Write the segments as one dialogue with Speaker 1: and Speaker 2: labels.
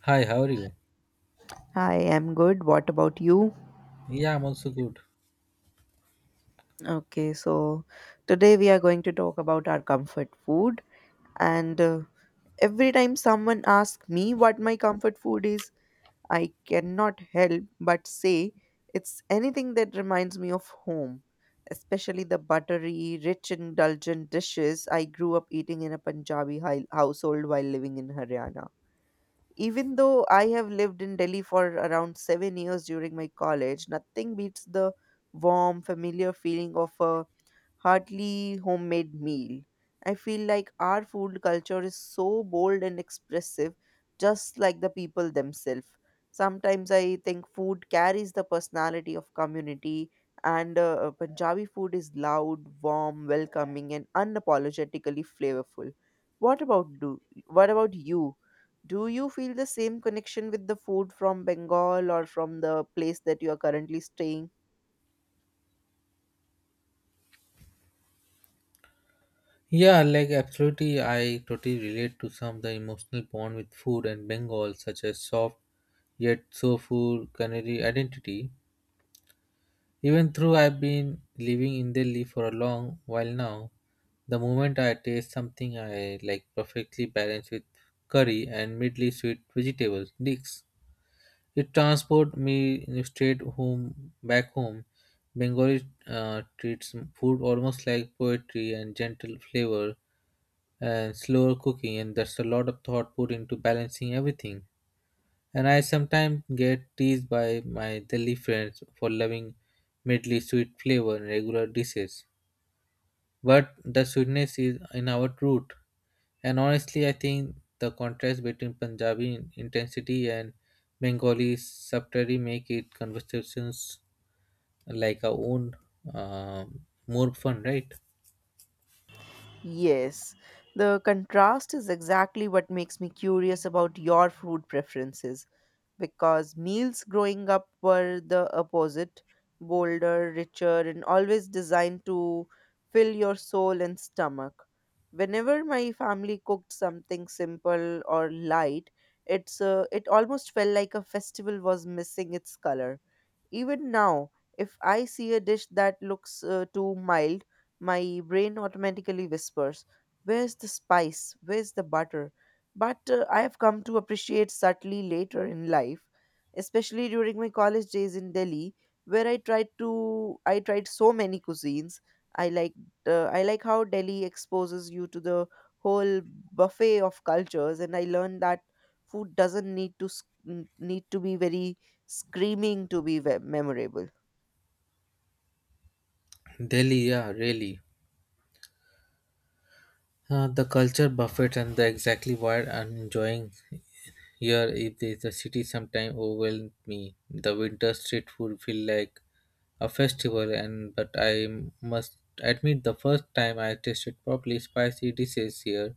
Speaker 1: Hi, how are you?
Speaker 2: Hi, I'm good. What about you?
Speaker 1: Yeah, I'm also good.
Speaker 2: Okay, so today we are going to talk about our comfort food. And Every time someone asks me what my comfort food is, I cannot help but say it's anything that reminds me of home, especially the buttery, rich, indulgent dishes I grew up eating in a Punjabi household while living in Haryana. Even though I have lived in Delhi for around 7 years during my college, nothing beats the warm, familiar feeling of a Hardly homemade meal. I feel like our food culture is so bold and expressive, just like the people themselves. Sometimes I think food carries the personality of community, and Punjabi food is loud, warm, welcoming, and unapologetically flavorful. What about do? What about you? Do you feel the same connection with the food from Bengal or from the place that you are currently staying?
Speaker 1: Yeah, like absolutely, I totally relate to some of the emotional bond with food and Bengal, such as soft yet soulful culinary identity. Even though I've been living in Delhi for a long while now, the moment I taste something I like perfectly balanced with curry and mildly sweet vegetables, dips. It transport me straight home, back home. Bengali treats food almost like poetry and gentle flavor and slower cooking, and that's a lot of thought put into balancing everything. And I sometimes get teased by my Delhi friends for loving medley sweet flavor and regular dishes, but the sweetness is in our root. And honestly, I think the contrast between Punjabi intensity and Bengali subtlety make it conversations like our own um more fun, right?
Speaker 2: Yes, the contrast is exactly what makes me curious about your food preferences because meals growing up were the opposite, bolder, richer, and always designed to fill your soul and stomach. Whenever my family cooked something simple or light, it almost felt like a festival was missing its color. Even now, if I see a dish that looks too mild, my brain automatically whispers, where's the spice? Where's the butter? But I have come to appreciate subtly later in life, especially during my college days in Delhi, where I tried so many cuisines. I like I like how Delhi exposes you to the whole buffet of cultures, and I learned that food doesn't need to need to be very screaming to be ve- memorable.
Speaker 1: Delhi, yeah, really. The culture buffet and the exactly why I'm enjoying here is the city sometimes overwhelms me. The winter street food feel like a festival and but I must admit the first time I tasted properly spicy dishes here,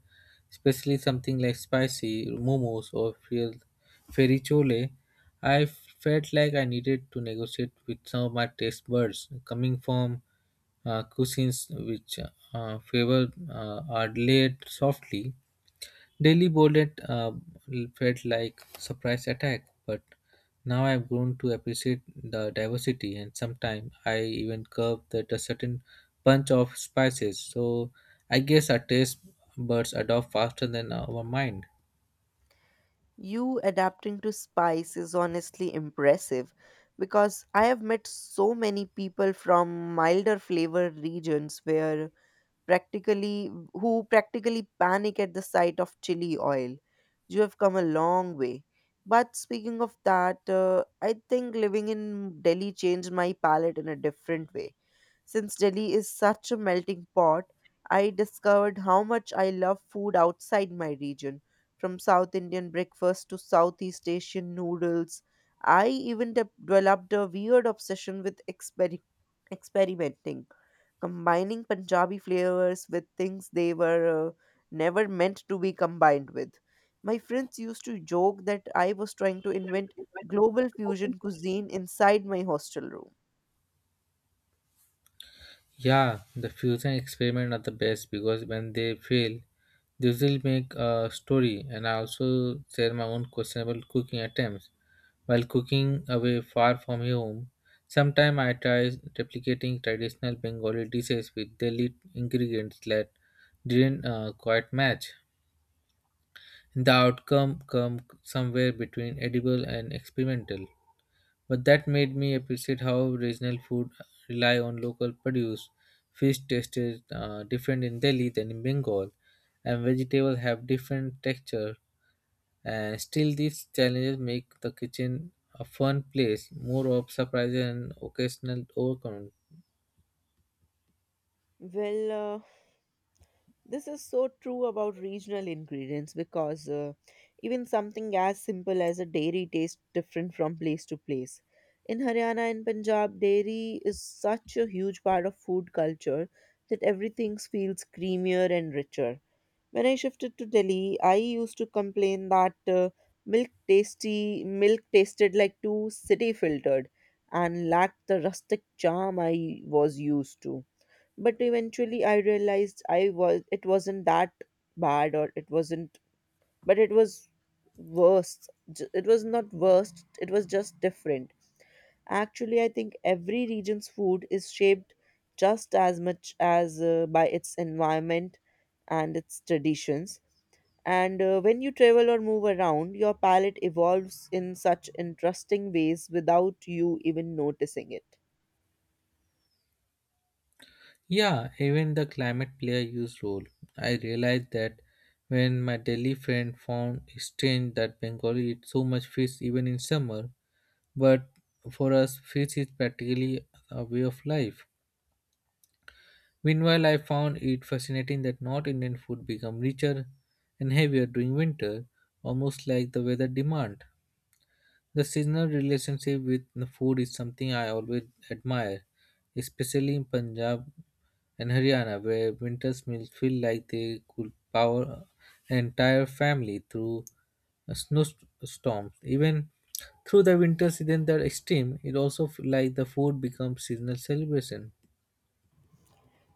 Speaker 1: especially something like spicy momos or ferichole, I felt like I needed to negotiate with some of my taste buds coming from cuisines which favor are laid softly. Daily boredom felt like surprise attack, but now I've grown to appreciate the diversity, and sometimes I even curve that a certain punch of spices. So I guess our taste buds adopt faster than our mind.
Speaker 2: You adapting to spice is honestly impressive because I have met so many people from milder flavor regions where practically who practically panic at the sight of chili oil. You have come a long way. But speaking of that, I think living in Delhi changed my palate in a different way. Since Delhi is such a melting pot, I discovered how much I love food outside my region, from South Indian breakfast to Southeast Asian noodles. I even developed a weird obsession with experimenting, combining Punjabi flavors with things they were never meant to be combined with. My friends used to joke that I was trying to invent global fusion cuisine inside my hostel room.
Speaker 1: Yeah, the fusion experiment are the best because when they fail, they usually make a story. And I also share my own questionable cooking attempts while cooking away far from home. Sometimes I try replicating traditional Bengali dishes with Delhi ingredients that didn't quite match. The outcome come somewhere between edible and experimental. But that made me appreciate how regional food rely on local produce. Fish tasted different in Delhi than in Bengal, and vegetables have different texture. And still, these challenges make the kitchen a fun place, more of surprises and occasional overcome.
Speaker 2: Well, this is so true about regional ingredients because even something as simple as a dairy tastes different from place to place. In Haryana and Punjab, dairy is such a huge part of food culture that everything feels creamier and richer. When I shifted to Delhi, I used to complain that milk tasted like too city filtered and lacked the rustic charm I was used to, but eventually I realized I was it wasn't that bad, or it wasn't, but it was it was not worst, it was just different. Actually, I think every region's food is shaped just as much as by its environment and its traditions, and when you travel or move around, your palate evolves in such interesting ways without you even noticing it.
Speaker 1: Yeah, even the climate play a huge role. I realized that when my Delhi friend found it strange that Bengali eat so much fish even in summer, but for us, fish is practically a way of life. Meanwhile, I found it fascinating that North Indian food become richer and heavier during winter, almost like the weather demand. The seasonal relationship with the food is something I always admire, especially in Punjab and Haryana, where winter's meals feel like they could power an entire family through a snowstorms. Even through the winter season that extreme, it also feel like the food becomes seasonal celebration.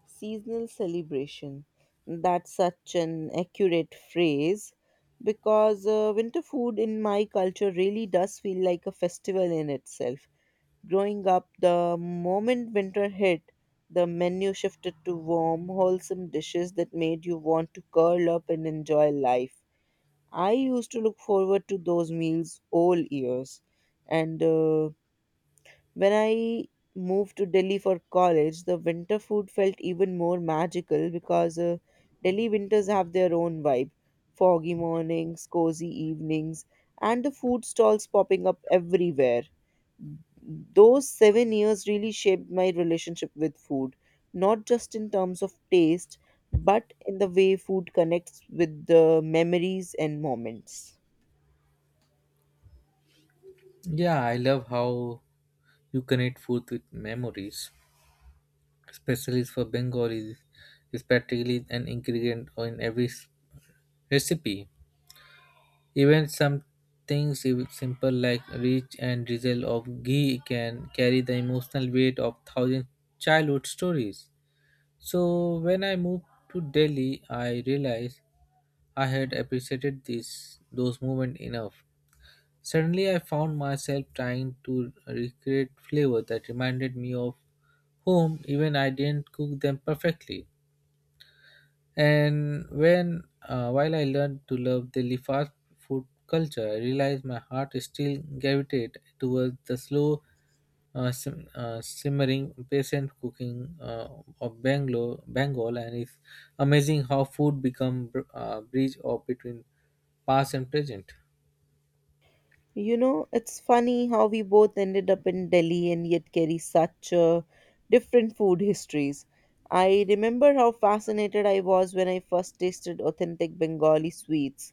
Speaker 2: Seasonal celebration. That's such an accurate phrase because winter food in my culture really does feel like a festival in itself. Growing up, the moment winter hit, the menu shifted to warm, wholesome dishes that made you want to curl up and enjoy life. I used to look forward to those meals all years, and when I moved to Delhi for college, the winter food felt even more magical because Delhi winters have their own vibe: foggy mornings, cozy evenings, and the food stalls popping up everywhere. Those 7 years really shaped my relationship with food, not just in terms of taste, but in the way food connects with the memories and moments.
Speaker 1: Yeah, I love how you connect food with memories. Especially for Bengalis, is practically an ingredient in every recipe. Even some things simple like reach and drizzle of ghee can carry the emotional weight of thousand childhood stories. So when I moved to Delhi, I realized I had appreciated this those moments enough. Suddenly, I found myself trying to recreate flavor that reminded me of home, even I didn't cook them perfectly. And when, while I learned to love the fast food culture, I realized my heart still gravitated towards the slow, simmering, patient cooking of Bangalore, Bengal, and it's amazing how food become bridge of between past and present.
Speaker 2: You know, it's funny how we both ended up in Delhi and yet carry such different food histories. I remember how fascinated I was when I first tasted authentic Bengali sweets.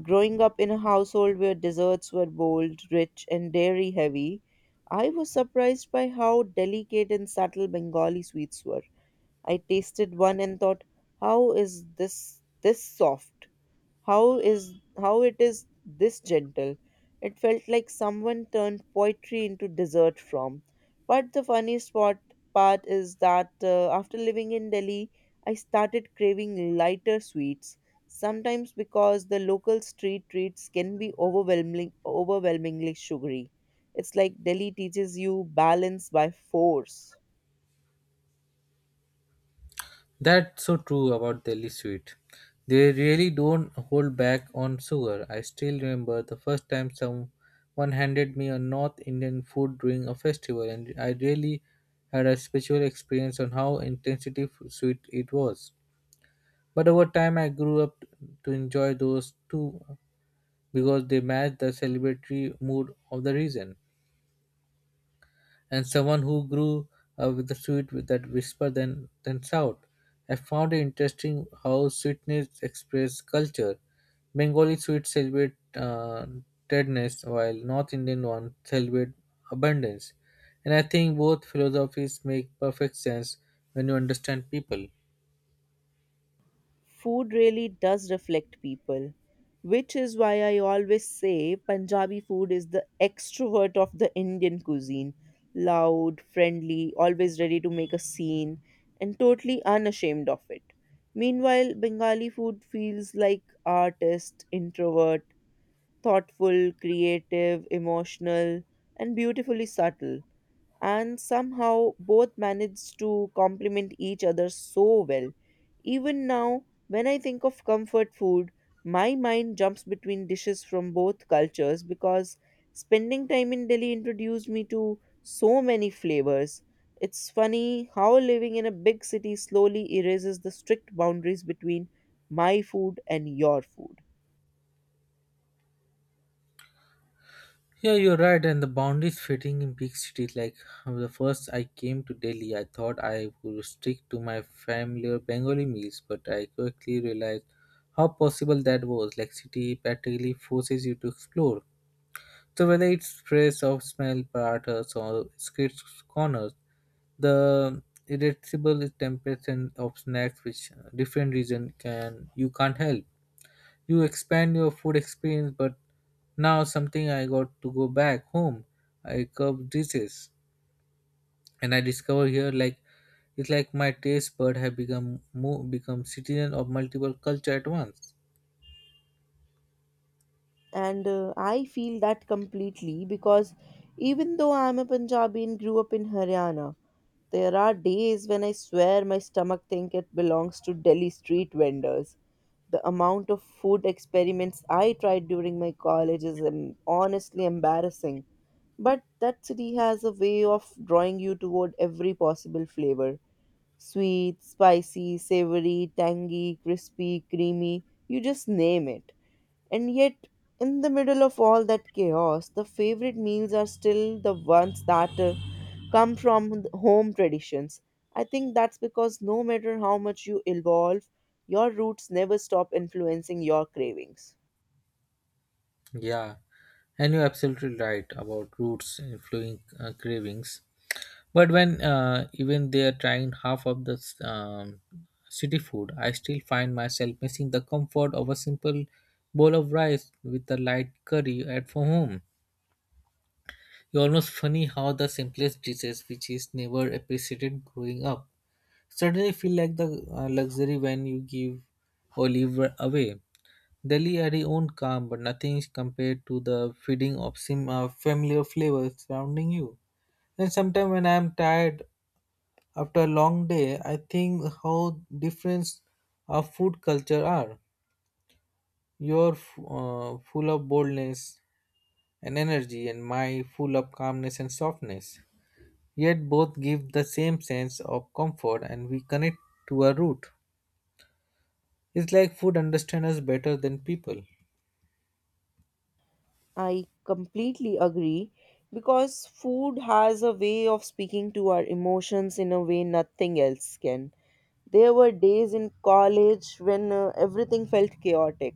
Speaker 2: Growing up in a household where desserts were bold, rich, and dairy heavy, I was surprised by how delicate and subtle Bengali sweets were. I tasted one and thought, how is this this soft? How is how it is this gentle? It felt like someone turned poetry into dessert from. But part is that after living in Delhi, I started craving lighter sweets. Sometimes because the local street treats can be overwhelmingly sugary. It's like Delhi teaches you balance by force.
Speaker 1: That's so true about Delhi sweet. They really don't hold back on sugar. I still remember the first time someone handed me a North Indian food during a festival, and I really had a spiritual experience on how intensity sweet it was. But over time, I grew up to enjoy those too because they match the celebratory mood of the region and someone who grew up with the sweet with that whisper then shout. I found it interesting how sweetness express culture. Bengali sweets celebrate tenderness, while North Indian ones celebrate abundance. And I think both philosophies make perfect sense when you understand people.
Speaker 2: Food really does reflect people, which is why I always say Punjabi food is the extrovert of the Indian cuisine. Loud, friendly, always ready to make a scene, and totally unashamed of it. Meanwhile, Bengali food feels like artist, introvert, thoughtful, creative, emotional, and beautifully subtle, and somehow both managed to complement each other so well. Even now, when I think of comfort food, my mind jumps between dishes from both cultures because spending time in Delhi introduced me to so many flavors. It's funny how living in a big city slowly erases the strict boundaries between my food and your food.
Speaker 1: Yeah, you're right, and the boundaries fitting in big cities. Like the first I came to Delhi, I thought I would stick to my familiar Bengali meals, but I quickly realized how possible that was. Like city practically forces you to explore. So whether it's trace of smell paratas or street corners, the irresistible temptation of snacks which different region can you can't help. You expand your food experience, but now something I got to go back home. I curb dishes, and I discover here like it's like my taste bud have become more become citizen of multiple culture at once.
Speaker 2: And I feel that completely because even though I'm a Punjabi and grew up in Haryana, there are days when I swear my stomach thinks it belongs to Delhi street vendors. The amount of food experiments I tried during my college is honestly embarrassing. But that city has a way of drawing you toward every possible flavor: sweet, spicy, savory, tangy, crispy, creamy, you just name it. And yet, in the middle of all that chaos, the favorite meals are still the ones that come from home traditions. I think that's because no matter how much you evolve, your roots never stop influencing your cravings.
Speaker 1: Yeah, and you're absolutely right about roots influencing cravings. But when even they are trying half of the city food, I still find myself missing the comfort of a simple bowl of rice with a light curry at for home. It's almost funny how the simplest dishes, which is never appreciated growing up, suddenly feel like the luxury when you give or leave away. Delhi had its own calm, but nothing is compared to the feeding of familiar flavors surrounding you. And sometimes when I am tired after a long day, I think how different our food culture are. You're full of boldness and energy, and my full of calmness and softness. Yet both give the same sense of comfort and we connect to a root. It's like food understands us better than people.
Speaker 2: I completely agree because food has a way of speaking to our emotions in a way nothing else can. There were days in college when everything felt chaotic: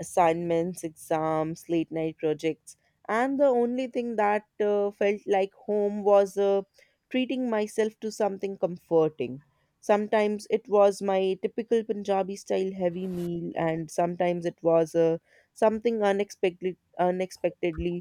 Speaker 2: assignments, exams, late night projects, and the only thing that felt like home was treating myself to something comforting. Sometimes it was my typical Punjabi style heavy meal, and sometimes it was a something unexpectedly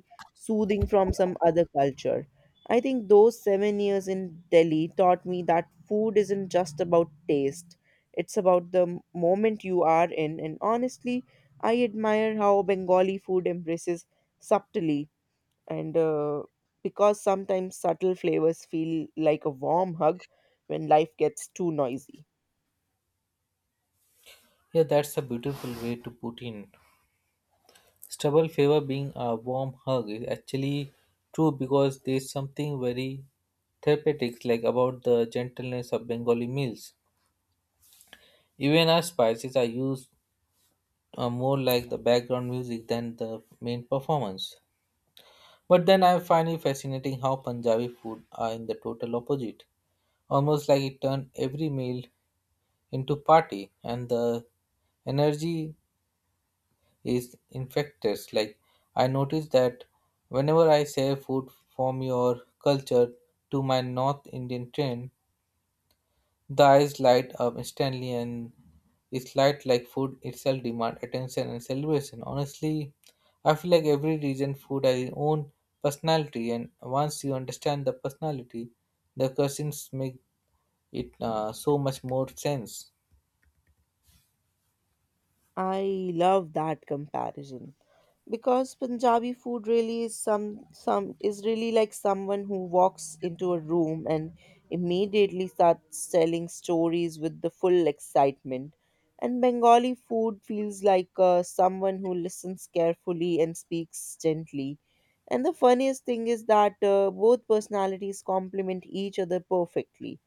Speaker 2: soothing from some other culture. I think those 7 years in Delhi taught me that food isn't just about taste, it's about the moment you are in. And honestly, I admire how Bengali food embraces subtly, and because sometimes subtle flavors feel like a warm hug when life gets too noisy.
Speaker 1: Yeah, that's a beautiful way to put in. Stubble favor being a warm hug is actually true because there's something very therapeutic like about the gentleness of Bengali meals. Even our spices are used more like the background music than the main performance. But then I find it fascinating how Punjabi food are in the total opposite. Almost like it turned every meal into party and the energy is infectious. Like I noticed that whenever I share food from your culture to my North Indian friend, the eyes light up instantly and it's light like food itself demand attention and celebration. Honestly, I feel like every region food has its own personality and once you understand the personality, the cuisines make it so much more sense.
Speaker 2: I love that comparison because Punjabi food really is some is really like someone who walks into a room and immediately starts telling stories with the full excitement. And Bengali food feels like someone who listens carefully and speaks gently. And the funniest thing is that both personalities complement each other perfectly.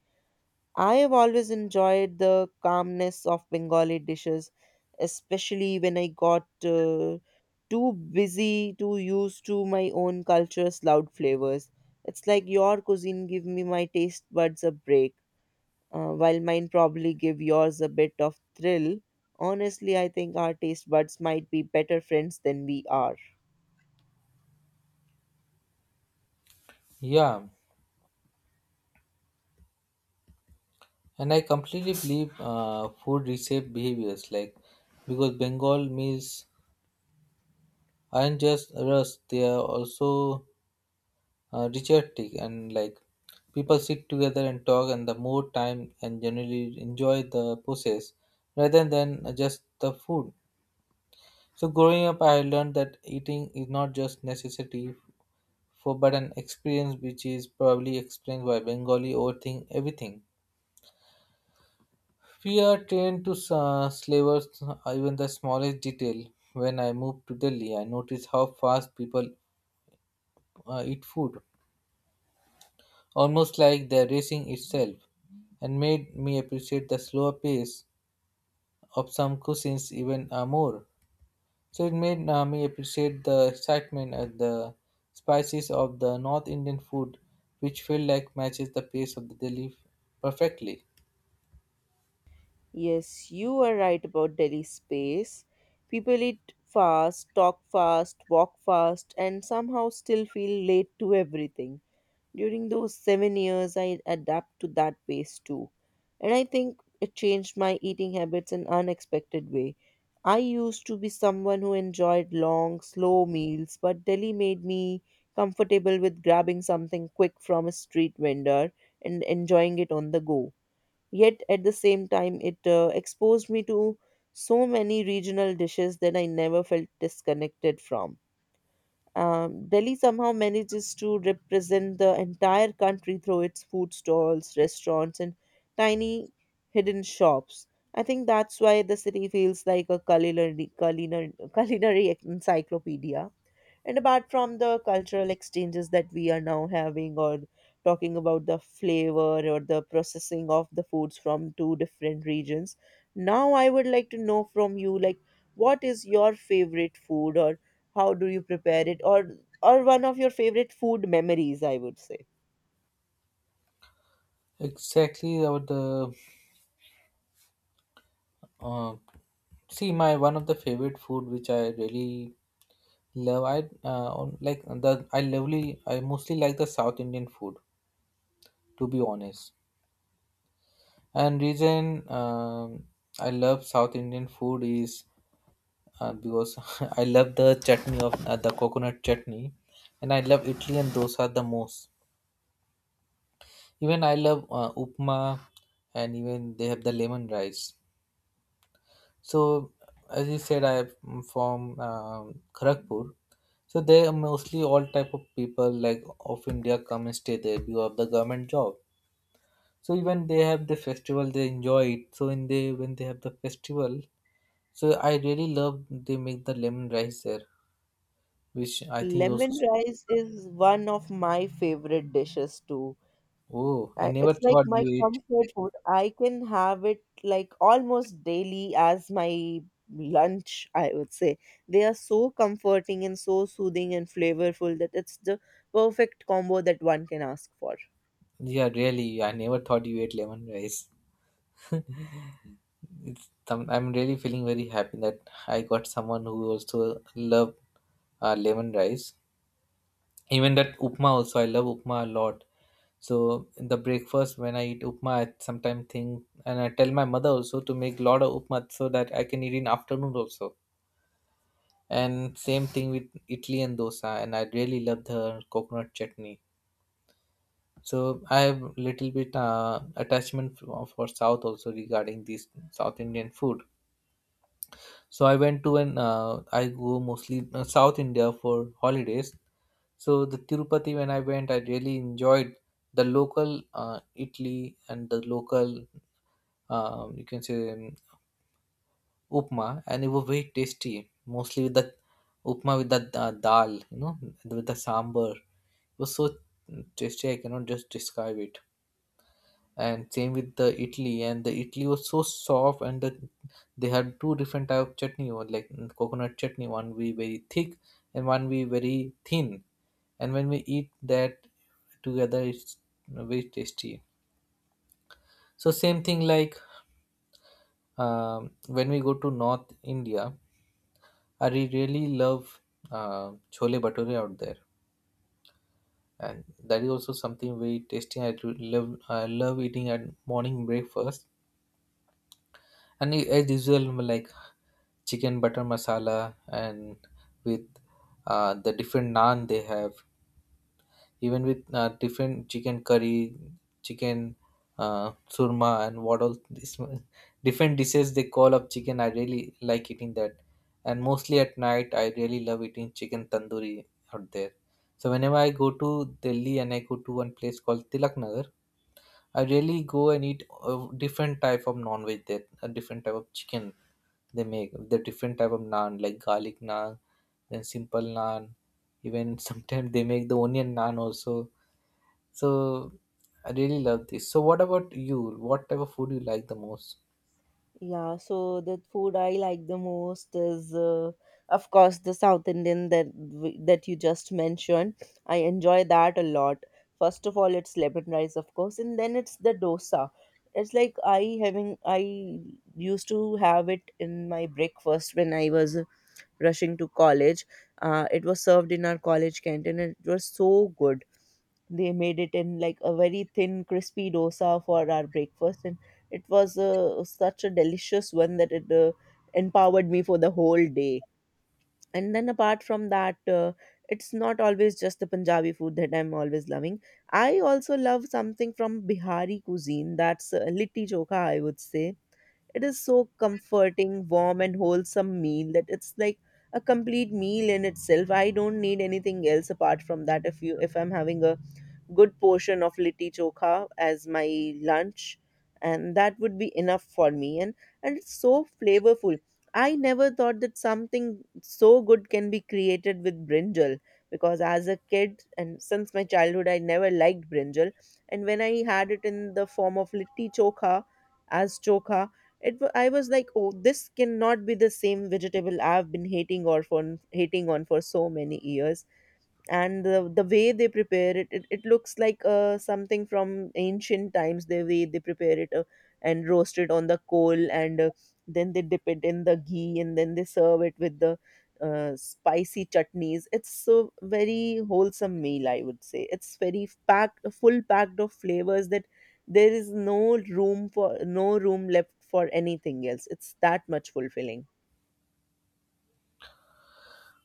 Speaker 2: I have always enjoyed the calmness of Bengali dishes, especially when I got too busy to use to my own culture's loud flavors. It's like your cuisine give me my taste buds a break, while mine probably give yours a bit of thrill. Honestly, I think our taste buds might be better friends than we are.
Speaker 1: Yeah, and I completely believe food reshape behaviors like because Bengal meals aren't just rust, they are also ritualistic and like people sit together and talk and the more time and generally enjoy the process rather than just the food. So growing up, I learned that eating is not just necessity for but an experience which is probably explained why Bengali overthink everything. Fear trained to slavers even the smallest detail. When I moved to Delhi, I noticed how fast people eat food, almost like they're racing itself, and made me appreciate the slower pace of some cuisines even more. So it made me appreciate the excitement and the spices of the North Indian food, which feel like matches the pace of the Delhi perfectly.
Speaker 2: Yes, you are right about Delhi space. People eat fast, talk fast, walk fast, and somehow still feel late to everything. During those 7 years, I adapt to that pace too. And I think it changed my eating habits in unexpected way. I used to be someone who enjoyed long, slow meals, but Delhi made me comfortable with grabbing something quick from a street vendor and enjoying it on the go. Yet at the same time, it exposed me to so many regional dishes that I never felt disconnected from. Delhi somehow manages to represent the entire country through its food stalls, restaurants, and tiny hidden shops. I think that's why the city feels like a culinary encyclopedia. And apart from the cultural exchanges that we are now having, or talking about the flavor or the processing of the foods from two different regions, now I would like to know from you, like, what is your favorite food, or how do you prepare it, or one of your favorite food memories? I would say
Speaker 1: Exactly about the Uh, see, my one of the favorite food which I really love, I like the I lovely. I mostly like the South Indian food, to be honest. And reason I love South Indian food is because I love the chutney of the coconut chutney, and I love Italy and dosa the most. Even I love upma, and even they have the lemon rice. So, as you said, I'm from Kharagpur. So they are mostly all type of people like of India come and stay there because of the government job. So even they have the festival, they enjoy it. So in they when they have the festival, so I really love they make the lemon rice there, which I think you also.
Speaker 2: lemon rice is one of my favorite dishes too.
Speaker 1: Oh, I
Speaker 2: I,
Speaker 1: never
Speaker 2: it's like
Speaker 1: thought you
Speaker 2: my
Speaker 1: eat.
Speaker 2: comfort food. I can have it like almost daily as my lunch, I would say. They are so comforting and so soothing and flavorful that it's the perfect combo that one can ask for.
Speaker 1: Yeah, really, I never thought you ate lemon rice. It's some, I'm really feeling very happy that I got someone who also love lemon rice. Even that upma also, I love upma a lot. So in the breakfast when I eat upma, I sometimes think and I tell my mother also to make lot of upma so that I can eat in afternoon also. And same thing with idli and dosa. And I really love the coconut chutney. So I have little bit attachment for South also regarding this South Indian food. So I went to an I go mostly South India for holidays. So the Tirupati when I went, I really enjoyed the local Italy and the local you can say upma, and it was very tasty. Mostly with the upma with the dal, you know, with the sambar. It was so tasty. I cannot just describe it. And same with the Italy. And the Italy was so soft, and they had two different type of chutney, or like coconut chutney, one be very thick and one be very thin. And when we eat that together, it's very tasty. So same thing like when we go to North India, really love chole bhature out there, and that is also something very tasty. I love eating at morning breakfast. As usual, like chicken butter masala and with the different naan they have, even with different chicken curry, chicken surma, and what all this different dishes they call up chicken. I really like eating that, and mostly at night, I really love eating chicken tandoori out there. So whenever I go to Delhi and I go to one place called Tilak Nagar, I really go and eat a different type of non-veg there, a different type of chicken they make, the different type of naan like garlic naan, then simple naan. Even sometimes they make the onion naan also. So I really love this. So what about you? What type of food you like the most?
Speaker 2: Yeah, so the food I like the most is, of course, the South Indian that that you just mentioned. I enjoy that a lot. First of all, it's lemon rice, of course, and then it's the dosa. It's like I used to have it in my breakfast when I was rushing to college. It was served in our college canteen, and it was so good. They made it in like a very thin crispy dosa for our breakfast, and it was such a delicious one that it empowered me for the whole day. And then apart from that, it's not always just the Punjabi food that I'm always loving. I also love something from Bihari cuisine, that's litti chokha, I would say. It is so comforting, warm and wholesome meal that it's like a complete meal in itself. I don't need anything else apart from that, if I'm having a good portion of litti chokha as my lunch, and that would be enough for me. And it's so flavorful. I never thought that something so good can be created with brinjal, because as a kid and since my childhood I never liked brinjal. And when I had it in the form of litti chokha, as chokha, I was like, oh, this cannot be the same vegetable I've been hating, or for hating on for so many years. And the way they prepare it, it looks like something from ancient times, the way they prepare it, and roast it on the coal, and then they dip it in the ghee and then they serve it with the spicy chutneys. It's so very wholesome meal, I would say. It's very packed, full packed of flavors, that there is no room left for anything else. It's that much fulfilling.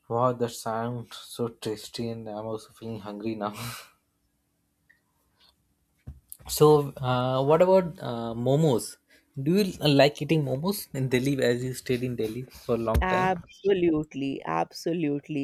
Speaker 1: Wow, that sounds so tasty, and I'm also feeling hungry now. So, what about momos? Do you like eating momos in Delhi as you stayed in Delhi for a long time?
Speaker 2: Absolutely, absolutely.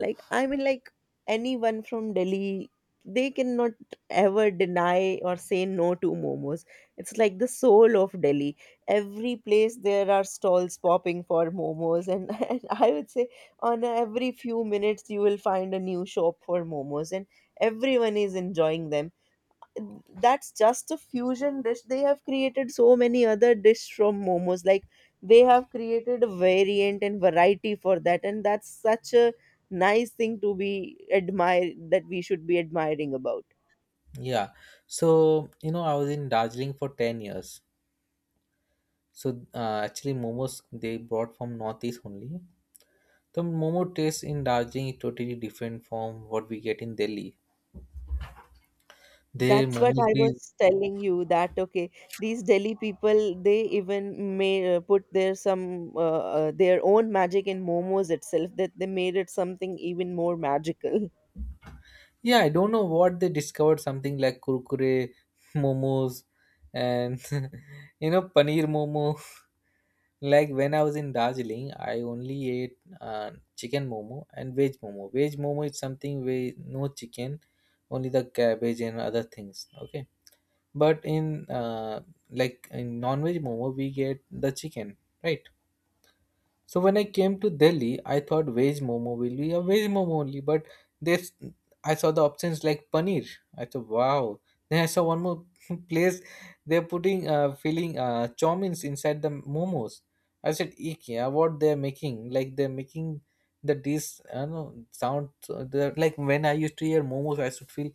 Speaker 2: Like, I mean, like, anyone from Delhi, they cannot ever deny or say no to momos. It's like the soul of Delhi. Every place there are stalls popping for momos, and, and I would say on every few minutes you will find a new shop for momos, and everyone is enjoying them. That's just a fusion dish. They have created so many other dish from momos, like they have created a variant and variety for that, and that's such a nice thing to be admire, that we should be admiring about.
Speaker 1: Yeah. So, you know, I was in Darjeeling for 10 years. So, actually, momos they brought from Northeast only. The momo taste in Darjeeling is totally different from what we get in Delhi. They
Speaker 2: That's what
Speaker 1: momos
Speaker 2: I
Speaker 1: be
Speaker 2: was telling you, that okay, these Delhi people, they even may put their some uh, their own magic in momos itself, that they made it something even more magical.
Speaker 1: yeah, I don't know what they discovered something like kurkure momos and you know paneer momo. Like when I was in Darjeeling, I only ate chicken momo and veg momo. Veg momo is something where no chicken, only the cabbage and other things. Okay, but in like in non-veg momo, we get the chicken, right? So when I came to Delhi, I thought veg momo will be a veg momo only, but this I saw the options like paneer. I thought, wow. Then I saw one more place. They're putting filling chomins inside the momos. I said, IKEA, what they're making? Like they're making the dish. I don't know sound. They Like when I used to hear momos, I should feel,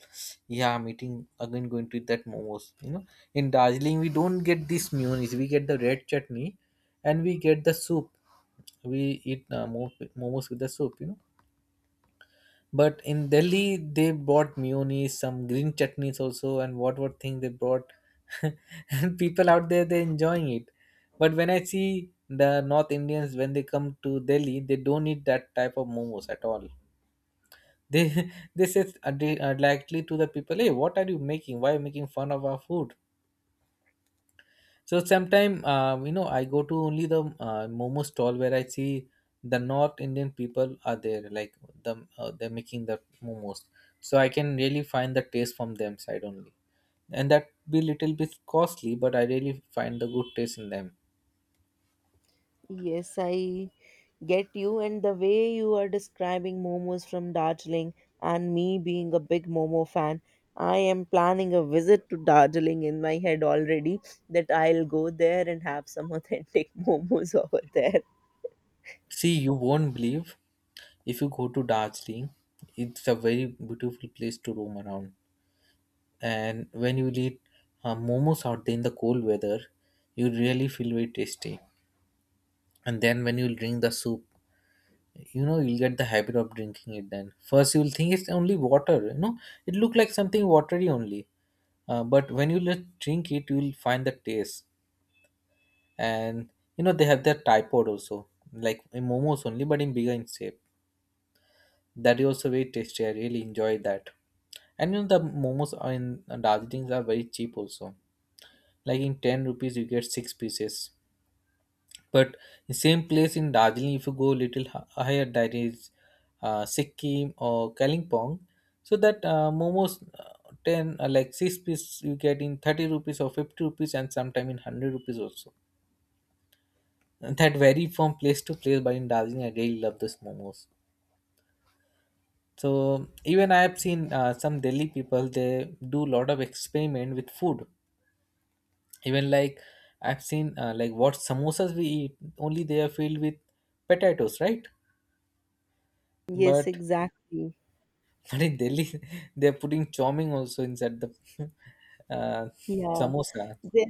Speaker 1: yeah, I'm eating again. Going to eat that momos. You know, in Darjeeling, we don't get this mayonnaise. We get the red chutney, and we get the soup. We eat momos with the soup, you know, but in Delhi they brought mayonnaise, some green chutneys also, and what thing they brought. And people out there, they're enjoying it, but when I see the North Indians when they come to Delhi, they don't eat that type of momos at all. They they say they, directly to the people, hey, what are you making? Why are you making fun of our food? So sometime you know, I go to only the momo stall where I see the North Indian people are there, like the they're making the momos. So I can really find the taste from them side only, and that be little bit costly, but I really find the good taste in them.
Speaker 2: Yes, I get you, and the way you are describing momos from Darjeeling, and me being a big momo fan, I am planning a visit to Darjeeling in my head already, that I'll go there and have some authentic momos over there.
Speaker 1: See, you won't believe, if you go to Darjeeling, it's a very beautiful place to roam around. And when you eat momos out there in the cold weather, you really feel very tasty. And then when you'll drink the soup, you know, you'll get the habit of drinking it. Then first you'll think it's only water, you know, it look like something watery only. But when you let drink it, you'll find the taste. And you know, they have their tripod also, like in momos only but in bigger in shape. That is also very tasty. I really enjoy that. And you know, the momos are in Darjeeling are very cheap also. Like in 10 rupees you get 6 pieces. But the same place in Darjeeling, if you go a little higher, that is Sikkim or Kalimpong, so that momos ten like 6 piece you get in 30 rupees or 50 rupees and sometime in 100 rupees also. And that vary from place to place, but in Darjeeling, I really love those momos. So even I have seen some Delhi people, they do lot of experiment with food. Even like I've seen like what samosas we eat, only they are filled with potatoes, right?
Speaker 2: Yes,
Speaker 1: But
Speaker 2: exactly.
Speaker 1: But in Delhi, they're putting choming also inside the uh,
Speaker 2: Yeah.
Speaker 1: samosa.
Speaker 2: There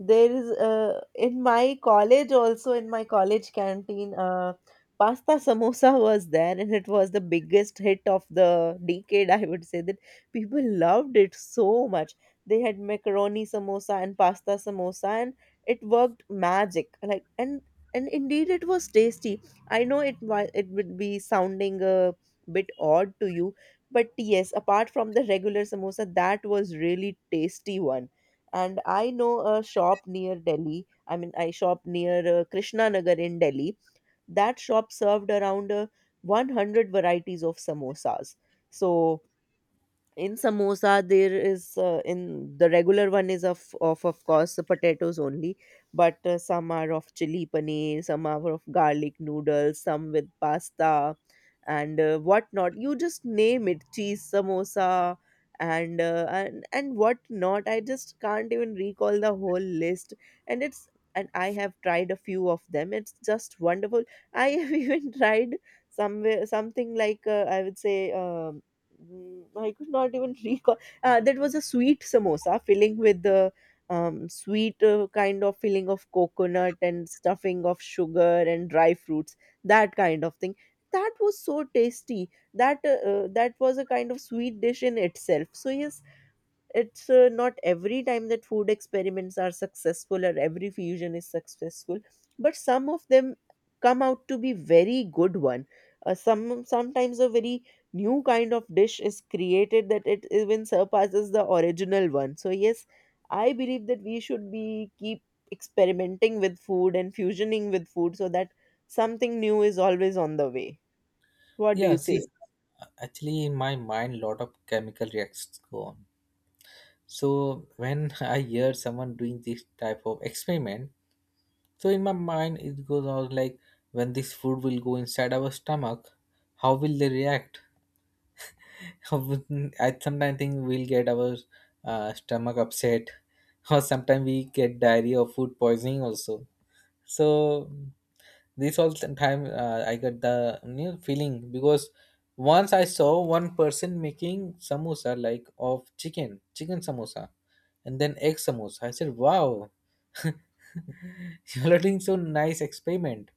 Speaker 2: there is, in my college also, in my college canteen, pasta samosa was there, and it was the biggest hit of the decade, I would say that. People loved it so much. They had macaroni samosa and pasta samosa, and it worked magic, like, and indeed it was tasty. I know it would be sounding a bit odd to you, but yes, apart from the regular samosa that was really tasty one. And I know a shop near Delhi, I mean, I shop near Krishna Nagar in Delhi. That shop served around 100 varieties of samosas. So in samosa there is, in the regular one, is of course the potatoes only, but some are of chili paneer, some are of garlic noodles, some with pasta, and whatnot, you just name it, cheese samosa, and and what not. I just can't even recall the whole list. And it's, and I have tried a few of them, it's just wonderful. I have even tried somewhere something like, I would say, um mm, I could not even recall. That was a sweet samosa filling with the, sweet kind of filling of coconut and stuffing of sugar and dry fruits, that kind of thing. That was so tasty. That was a kind of sweet dish in itself. So yes, it's not every time that food experiments are successful, or every fusion is successful, but some of them come out to be very good one. Sometimes a very new kind of dish is created, that it even surpasses the original one. So yes, I believe that we should be keep experimenting with food and fusioning with food, so that something new is always on the way. What do
Speaker 1: Yeah,
Speaker 2: you
Speaker 1: see,
Speaker 2: say?
Speaker 1: actually, in my mind, lot of chemical reactions go on. So when I hear someone doing this type of experiment, so in my mind, it goes on like, when this food will go inside our stomach, how will they react? I sometimes think we'll get our stomach upset, or sometimes we get diarrhea or food poisoning also. So this all the time I get the, you know, feeling, because once I saw one person making samosa like of chicken, chicken samosa, and then egg samosa. I said, "Wow, you are doing so nice experiment."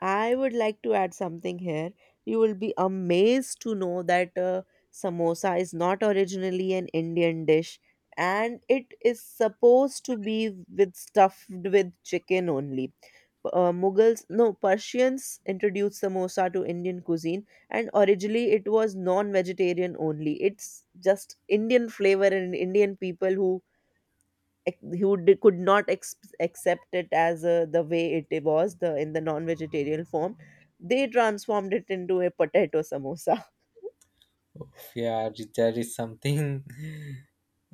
Speaker 2: I would like to add something here. You will be amazed to know that samosa is not originally an Indian dish, and it is supposed to be with stuffed with chicken only. Mughals, no, Persians introduced samosa to Indian cuisine, and originally it was non vegetarian only. It's just Indian flavor and Indian people who could not accept it as, the way it was, the in the non-vegetarian form. They transformed it into a potato samosa.
Speaker 1: Oh, yeah, there is something.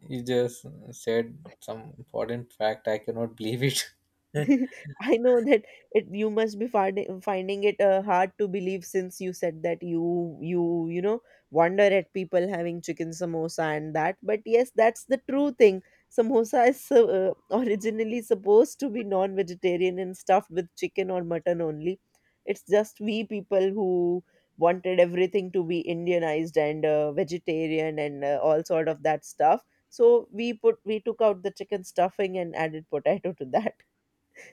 Speaker 1: You just said some important fact. I cannot believe it.
Speaker 2: I know that, it, you must be finding it hard to believe, since you said that you know, wonder at people having chicken samosa and that, but yes, that's the true thing. Samosa is originally supposed to be non-vegetarian and stuffed with chicken or mutton only. It's just we people who wanted everything to be indianized, and vegetarian, and all sort of that stuff. So we took out the chicken stuffing and added potato to that,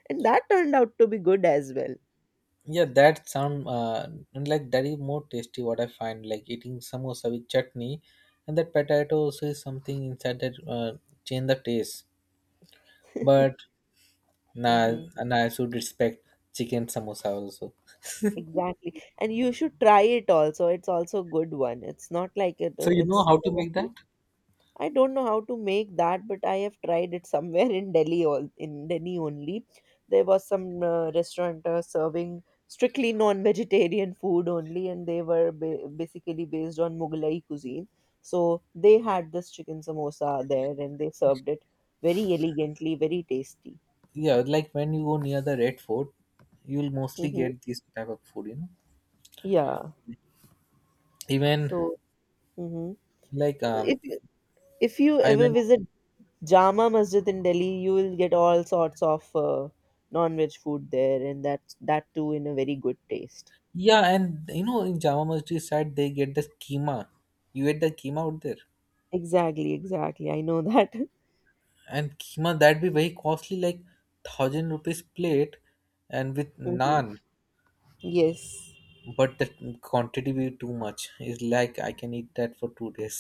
Speaker 2: and that turned out to be good as well.
Speaker 1: Yeah, that sound and like that is more tasty. What I find like eating samosa with chutney, and that potato also is something inside that change the taste. But nah,
Speaker 2: Hmm.
Speaker 1: nah, I should respect chicken samosa also.
Speaker 2: Exactly. And you should try it also, it's also a good one. It's not like it,
Speaker 1: So you know
Speaker 2: it's
Speaker 1: how to make that?
Speaker 2: doesn't- I don't know how to make that, but I have tried it somewhere in Delhi, all in Delhi only. There was some restaurant serving strictly non-vegetarian food only, and they were basically based on Mughlai cuisine. So they had this chicken samosa there, and they served it very elegantly, very tasty.
Speaker 1: Yeah, like when you go near the Red Fort, you'll mostly
Speaker 2: Hmm.
Speaker 1: get this type of food. You know,
Speaker 2: Yeah.
Speaker 1: even
Speaker 2: So. Mm-hmm.
Speaker 1: like
Speaker 2: If you, if you
Speaker 1: I
Speaker 2: ever
Speaker 1: went.
Speaker 2: visit Jama Masjid in Delhi, you will get all sorts of non-veg food there, and that too in a very good taste.
Speaker 1: Yeah, and you know, in Jama Masjid side they get the keema. You get the keema out there.
Speaker 2: Exactly, exactly. I know that.
Speaker 1: And keema that'd be very costly, like 1000 rupees plate and with
Speaker 2: Mm-hmm.
Speaker 1: naan,
Speaker 2: Yes.
Speaker 1: but the quantity be too much. It's like I can eat that for 2 days.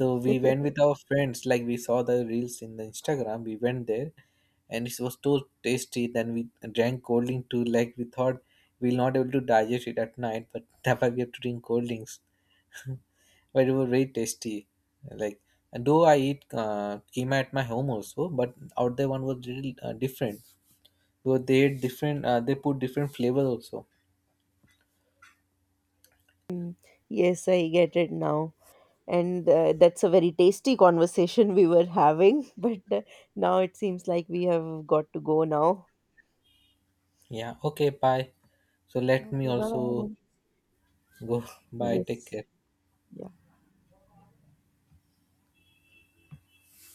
Speaker 1: So we went with our friends, like we saw the reels in the Instagram, we went there, and it was so tasty. Then we drank cold drink too, like we thought we'll not able to digest it at night, but that's why we have to drink cold drinks. But it was very tasty. Like though I eat keema at my home also, but out there one was little different. So they had different. They put different flavors also.
Speaker 2: Yes, I get it now. And that's a very tasty conversation we were having, but now it seems like we have got to go now.
Speaker 1: Yeah. Okay. Bye. So let me
Speaker 2: Okay, bye bye
Speaker 1: also
Speaker 2: then.
Speaker 1: go. Bye. Take
Speaker 2: Yes.
Speaker 1: care.
Speaker 2: Yeah.